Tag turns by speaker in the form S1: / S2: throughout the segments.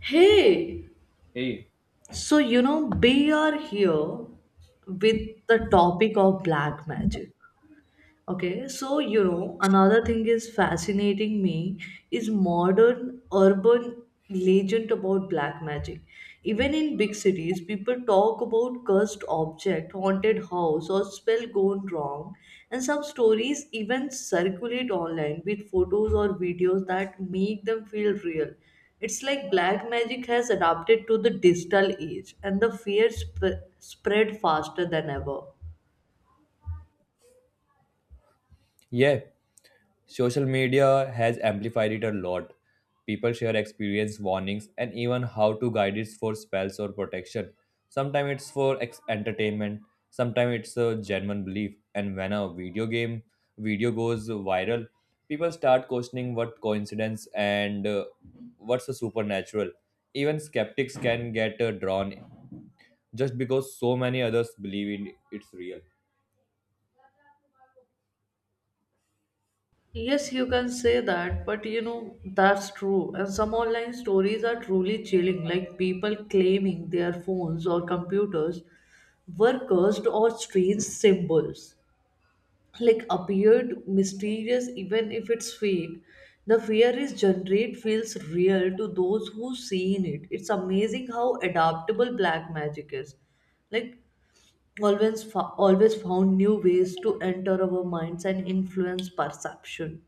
S1: Hey,
S2: Hey.
S1: so you know, we are here with the topic of black magic. Okay, so you know, another thing is fascinating me is modern urban legend about black magic. Even in big cities, people talk about cursed object, haunted house, or spell gone wrong, and some stories even circulate online with photos or videos that make them feel real. It's like black magic has adapted to the digital age, and the fear spread faster than ever.
S2: Yeah, social media has amplified it a lot. People share experience, warnings, and even how to guide it for spells or protection. Sometimes it's for entertainment, sometimes it's a genuine belief. And when a video game video goes viral, people start questioning what coincidence and what's a supernatural. Even skeptics can get drawn just because so many others believe in it's real.
S1: Yes, you can say that, but you know, that's true. And some online stories are truly chilling, like people claiming their phones or computers were cursed or strange symbols, like appeared mysterious, even if it's fake. The fear is generate feels real to those who seen it. It's amazing how adaptable black magic is. Like always, always found new ways to enter our minds and influence perception.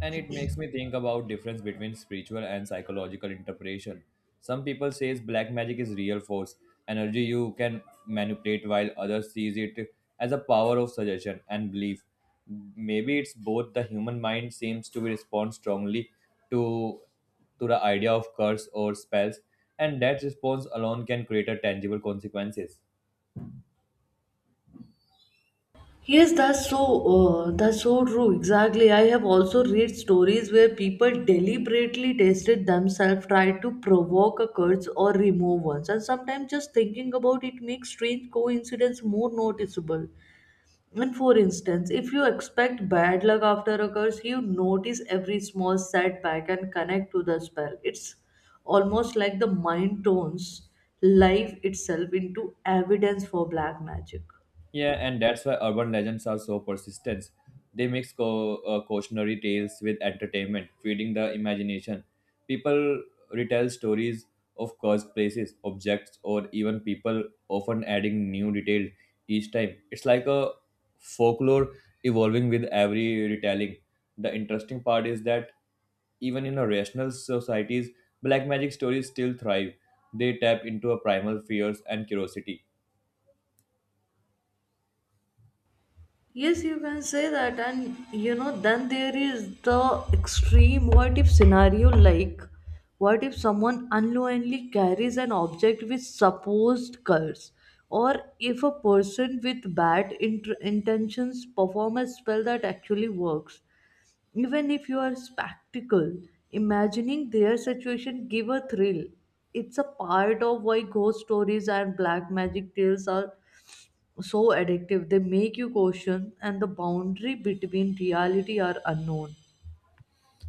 S2: And it makes me think about difference between spiritual and psychological interpretation. Some people says black magic is real force energy you can manipulate, while others sees it as a power of suggestion and belief. Maybe it's both. The human mind seems to respond strongly to to the idea of curse or spells, and that response alone can create a tangible consequences.
S1: Yes, that's so true. Exactly. I have also read stories where people deliberately tested themselves, tried to provoke a curse or remove ones, and sometimes just thinking about it makes strange coincidence more noticeable. And for instance, if you expect bad luck after a curse, you notice every small setback and connect to the spell. It's almost like the mind turns life itself into evidence for black magic.
S2: Yeah, and that's why urban legends are so persistent. They mix cautionary tales with entertainment, feeding the imagination. People retell stories of cursed places, objects, or even people, often adding new details each time. It's like a folklore evolving with every retelling. The interesting part is that even in a rational societies, black magic stories still thrive. They tap into a primal fears and curiosity.
S1: Yes, you can say that, and you know, then there is the extreme what if scenario like what if someone unknowingly carries an object with supposed curse, or if a person with bad intentions perform a spell that actually works, even if you are spectacle, imagining their situation give a thrill. It's a part of why ghost stories and black magic tales are so addictive. They make you question, and the boundary between reality are unknown.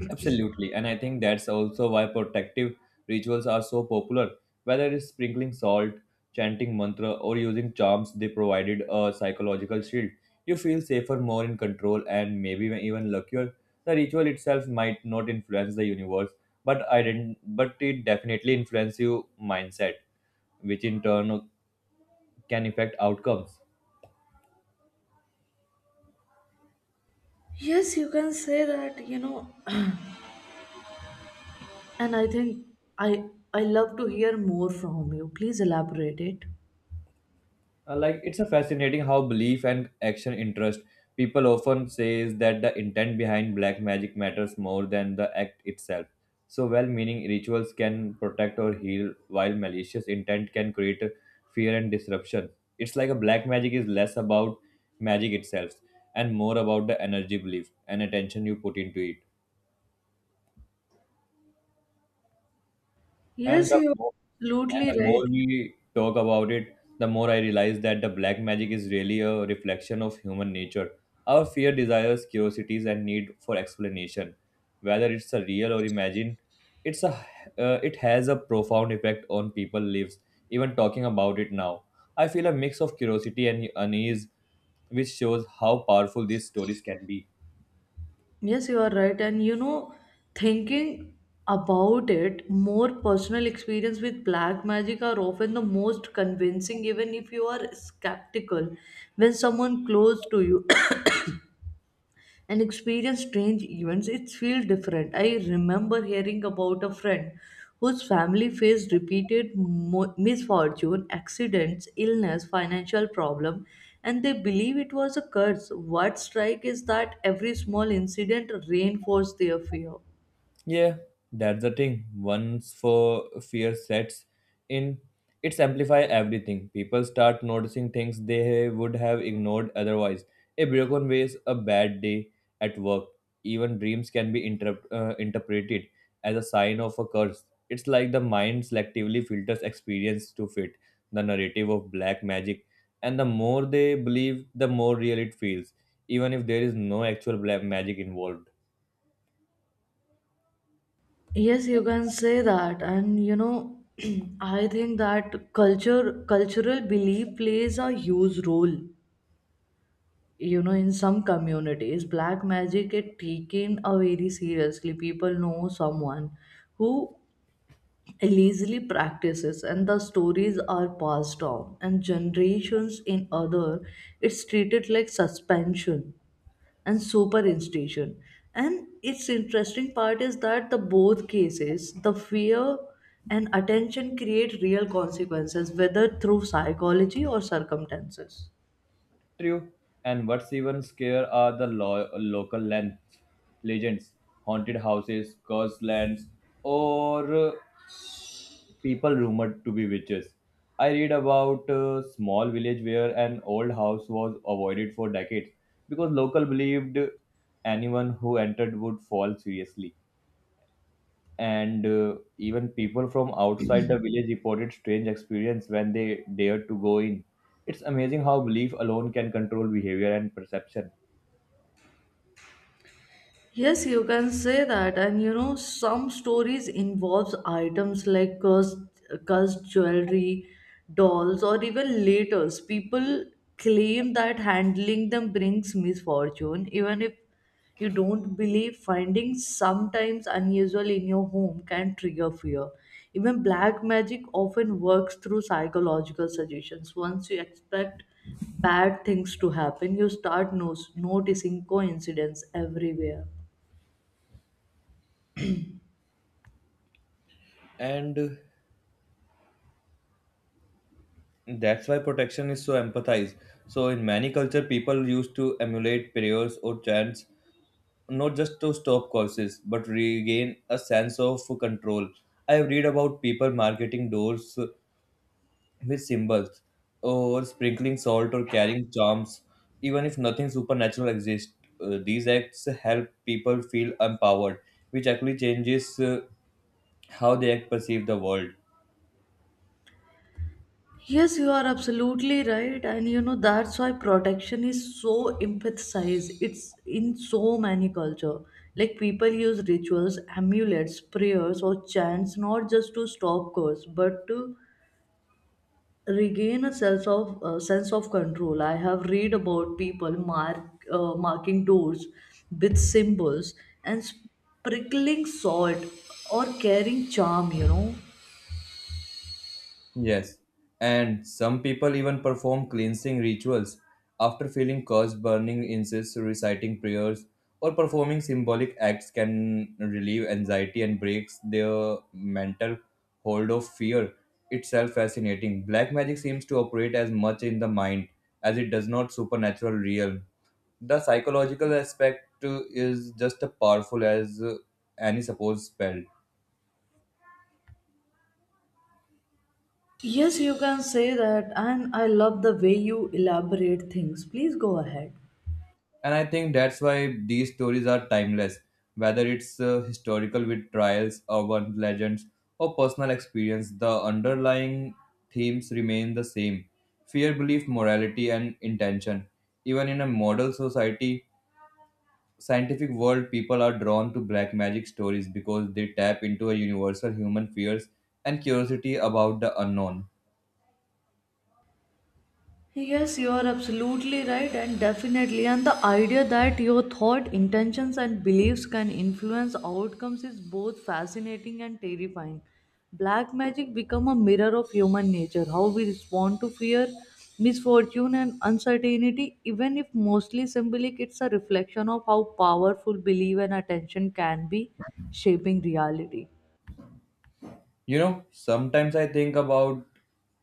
S2: Absolutely, and I think that's also why protective rituals are so popular. Whether it's sprinkling salt, chanting mantra, or using charms, they provided a psychological shield. You feel safer, more in control, and maybe even luckier. The ritual itself might not influence the universe, but I didn't, but it definitely influences your mindset, which in turn can affect outcomes.
S1: Yes, you can say that, you know. And I think I I love to hear more from you. Please elaborate it.
S2: Like it's a fascinating how belief and action interest. People often says that the intent behind black magic matters more than the act itself. So well-meaning rituals can protect or heal, while malicious intent can create fear and disruption. It's like a black magic is less about magic itself and more about the energy belief and attention you put into it. And
S1: Yes,
S2: the
S1: you are
S2: more And
S1: absolutely
S2: the
S1: right.
S2: more we talk about it, the more I realize that the black magic is really a reflection of human nature. Our fear, desires, curiosities, and need for explanation, whether it's a real or imagined, it's a it has a profound effect on people lives. Even talking about it now, I feel a mix of curiosity and unease, which shows how powerful these stories can be.
S1: Yes, you are right. And you know, thinking about it, more personal experience with black magic are often the most convincing, even if you are skeptical when someone close to you and experience strange events, it feels different. I remember hearing about a friend whose family faced repeated misfortune, accidents, illness, financial problem, and they believe it was a curse. What strike is that every small incident reinforced their fear.
S2: Yeah, that's the thing. Once for fear sets in, it's amplify everything. People start noticing things they would have ignored otherwise. A broken vase, a bad day at work, even dreams can be interpreted as a sign of a curse. It's like the mind selectively filters experience to fit the narrative of black magic, and the more they believe, the more real it feels, even if there is no actual black magic involved.
S1: Yes, you can say that, and you know, I think that cultural belief plays a huge role, you know. In some communities black magic get taken very seriously. People know someone who illegally practices and the stories are passed on and generations. In other, it's treated like suspension and superinstitution, and its interesting part is that the both cases the fear and attention create real consequences, whether through psychology or circumstances.
S2: True. And what's even scarier are the local lands, legends, haunted houses, cursed lands, or people rumored to be witches. I read about a small village where an old house was avoided for decades because local believed anyone who entered would fall seriously. And even people from outside the village reported strange experience when they dared to go in. It's amazing how belief alone can control behavior and perception.
S1: Yes, you can say that, and you know, some stories involves items like cursed jewelry, dolls, or even letters. People claim that handling them brings misfortune, even if you don't believe. Finding sometimes unusual in your home can trigger fear. Even black magic often works through psychological suggestions. Once you expect bad things to happen, you start noticing coincidence everywhere.
S2: And that's why protection is so empathized. So in many culture people used to emulate prayers or chants, not just to stop curses but regain a sense of control. I read about people marketing doors with symbols, or sprinkling salt, or carrying charms. Even if nothing supernatural exists, these acts help people feel empowered, which actually changes how they perceive the world.
S1: Yes, you are absolutely right. And you know, that's why protection is so emphasized. It's in so many culture. Like people use rituals, amulets, prayers, or chants not just to stop curse, but to regain a sense of control. I have read about people marking doors with symbols and sprinkling salt or carrying charm. You know,
S2: Yes, and some people even perform cleansing rituals after feeling cursed. Burning incense, reciting prayers, or performing symbolic acts can relieve anxiety and breaks their mental hold of fear. Itself fascinating. Black magic seems to operate as much in the mind as it does not supernatural realm. The psychological aspect is just as powerful as any supposed spell.
S1: yes, you can say that, and I love the way you elaborate things. Please go ahead.
S2: And I think that's why these stories are timeless. Whether it's historical with trials, urban legends, or personal experience, the underlying themes remain the same: fear, belief, morality, and intention. Even in a model society, scientific world, people are drawn to black magic stories because they tap into a universal human fears and curiosity about the unknown.
S1: Yes, you are absolutely right, and definitely. And the idea that your thought, intentions, and beliefs can influence outcomes is both fascinating and terrifying. Black magic become a mirror of human nature, how we respond to fear, misfortune, and uncertainty. Even if mostly symbolic, it's a reflection of how powerful belief and attention can be shaping reality.
S2: You know, sometimes I think about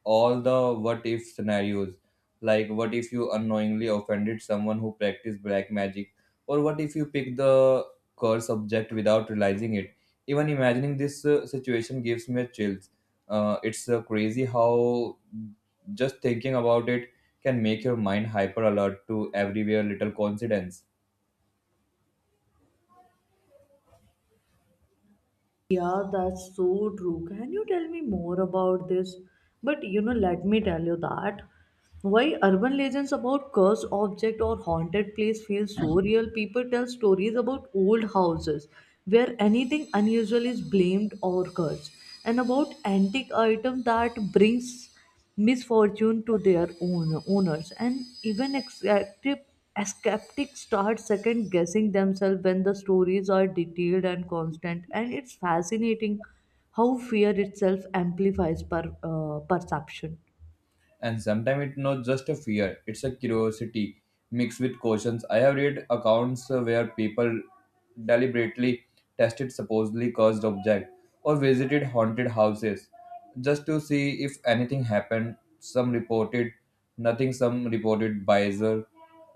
S2: all the what if scenarios. Like, what if you unknowingly offended someone who practiced black magic? Or what if you picked the curse object without realizing it? Even imagining this situation gives me chills. It's crazy how just thinking about it can make your mind hyper alert to everywhere little coincidence.
S1: Yeah, that's so true. Can you tell me more about this? But you know, let me tell you that why urban legends about cursed object or haunted place feel so real. People tell stories about old houses where anything unusual is blamed or cursed, and about antique item that brings misfortune to their own owners and even skeptics start second guessing themselves when the stories are detailed and constant, and it's fascinating how fear itself amplifies perception.
S2: And sometimes it's not just a fear, it's a curiosity mixed with cautions. I have read accounts where people deliberately tested supposedly cursed objects or visited haunted houses just to see if anything happened. Some reported nothing, some reported bizarre or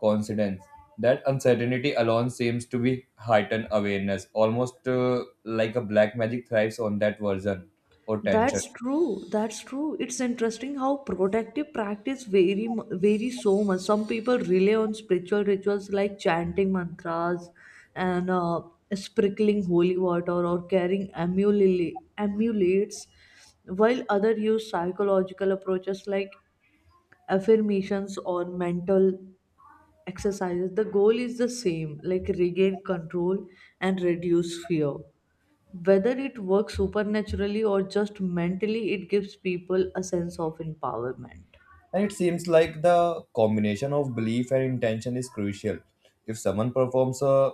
S2: coincidence. That uncertainty alone seems to be heightened awareness, almost like a black magic thrives on that version or tension.
S1: That's true. That's true. It's interesting how protective practice vary so much. Some people rely on spiritual rituals like chanting mantras and sprinkling holy water or carrying amulets, while others use psychological approaches like affirmations or mental exercises. The goal is the same, like regain control and reduce fear. Whether it works supernaturally or just mentally, it gives people a sense of empowerment.
S2: And it seems like the combination of belief and intention is crucial. If someone performs a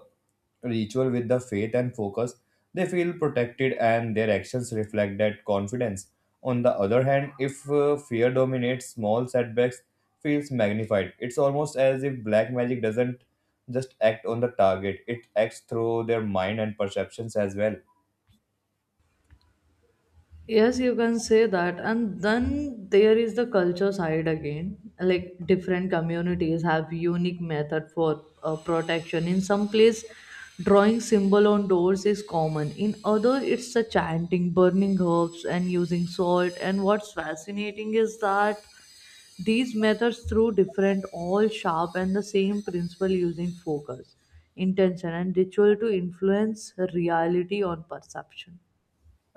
S2: ritual with the faith and focus, they feel protected and their actions reflect that confidence. On the other hand, if fear dominates, small setbacks feels magnified. It's almost as if black magic doesn't just act on the target, it acts through their mind and perceptions as well.
S1: Yes, you can say that. And then there is the culture side again. Like different communities have unique method for protection. In some place, drawing symbol on doors is common. In other, it's the chanting, burning herbs, and using salt. And what's fascinating is that these methods, through different, all sharp and the same principle using focus, intention, and ritual to influence reality on perception.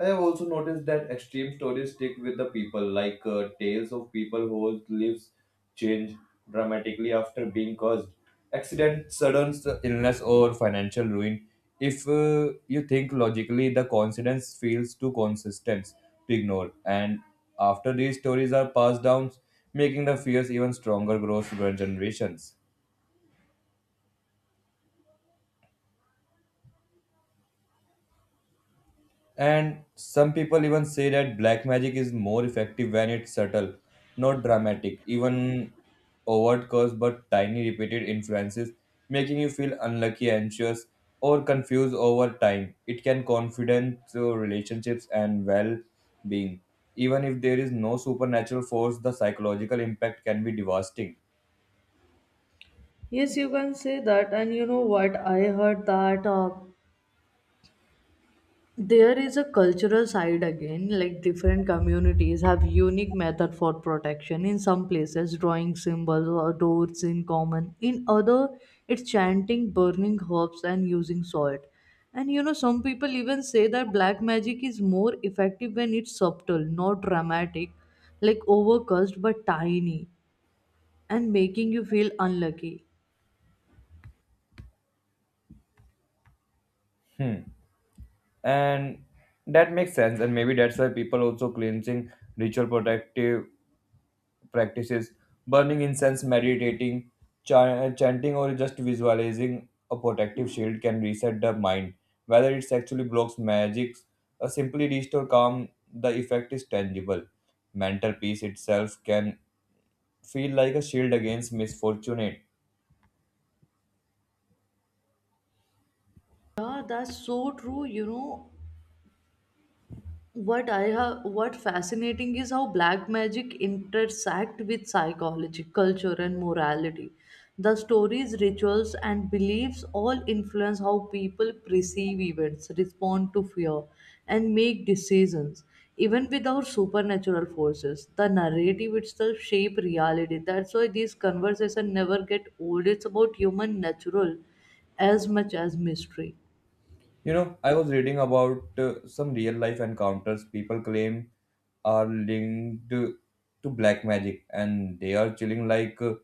S2: I have also noticed that extreme stories stick with the people, like tales of people whose lives change dramatically after being caused accident, illness, or financial ruin. If you think logically, the coincidence feels too consistent to ignore. And after these stories are passed down, making the fears even stronger grows through generations. And some people even say that black magic is more effective when it's subtle, not dramatic, even overt curse, but tiny repeated influences, making you feel unlucky, anxious, or confused over time. It can confidence, relationships, and well-being. Even if there is no supernatural force, the psychological impact can be devastating.
S1: Yes, you can say that. And you know what? I heard that. There is a cultural side again, like different communities have unique method for protection. In some places drawing symbols or doors in common. In other, it's chanting, burning herbs, and using salt. And you know, some people even say that black magic is more effective when it's subtle, not dramatic, like overcast but tiny, and making you feel unlucky.
S2: Hmm. And that makes sense, and maybe that's why people also cleansing ritual protective practices, burning incense, meditating, chanting, or just visualizing a protective shield can reset the mind. Whether it actually blocks magics or simply restore calm, the effect is tangible. Mental peace itself can feel like a shield against misfortune.
S1: Yeah, that's so true. You know what I have, what fascinating is how black magic intersect with psychology, culture, and morality. The stories, rituals, and beliefs all influence how people perceive events, respond to fear, and make decisions. Even without supernatural forces, the narrative itself shape reality. That's why these conversations never get old. It's about human natural as much as mystery.
S2: You know, I was reading about some real life encounters people claim are linked to black magic, and they are chilling, like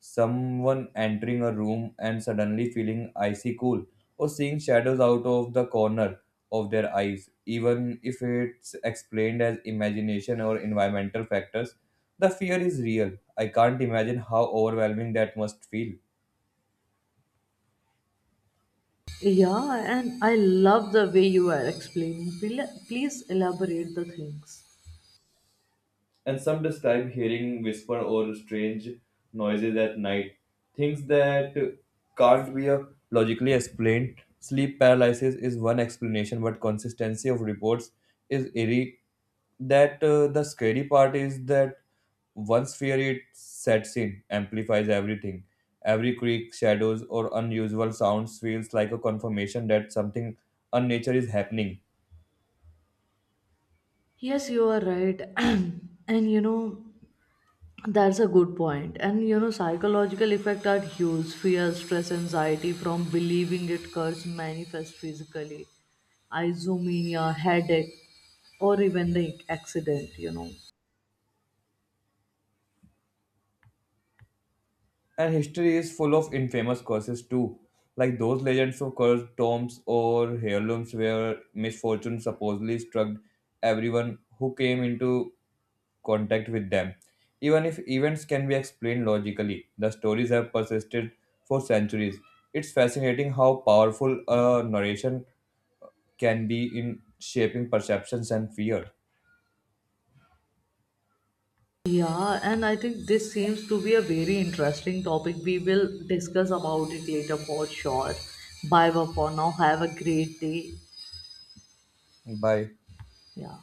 S2: someone entering a room and suddenly feeling icy cool, or seeing shadows out of the corner of their eyes, even if it's explained as imagination or environmental factors. The fear is real. I can't imagine how overwhelming that must feel.
S1: Yeah, and I love the way you are explaining. Please elaborate the things.
S2: And some describe hearing whisper or strange noises at night, things that can't be logically explained. Sleep paralysis is one explanation, but consistency of reports is eerie. That the scary part is that once fear it sets in, amplifies everything. Every creak, shadows, or unusual sounds feels like a confirmation that something unnatural is happening.
S1: Yes, you are right. And you know, that's a good point. And you know, psychological effects are huge. Fear, stress, anxiety from believing it curse manifest physically. Isomania, headache, or even the accident, you know.
S2: And history is full of infamous curses too, like those legends of cursed tombs or heirlooms where misfortune supposedly struck everyone who came into contact with them. Even if events can be explained logically, the stories have persisted for centuries. It's fascinating how powerful a narration can be in shaping perceptions and fear.
S1: Yeah, and I think this seems to be a very interesting topic. We will discuss about it later for sure. Bye bye for now. Have a great day.
S2: Bye.
S1: Yeah.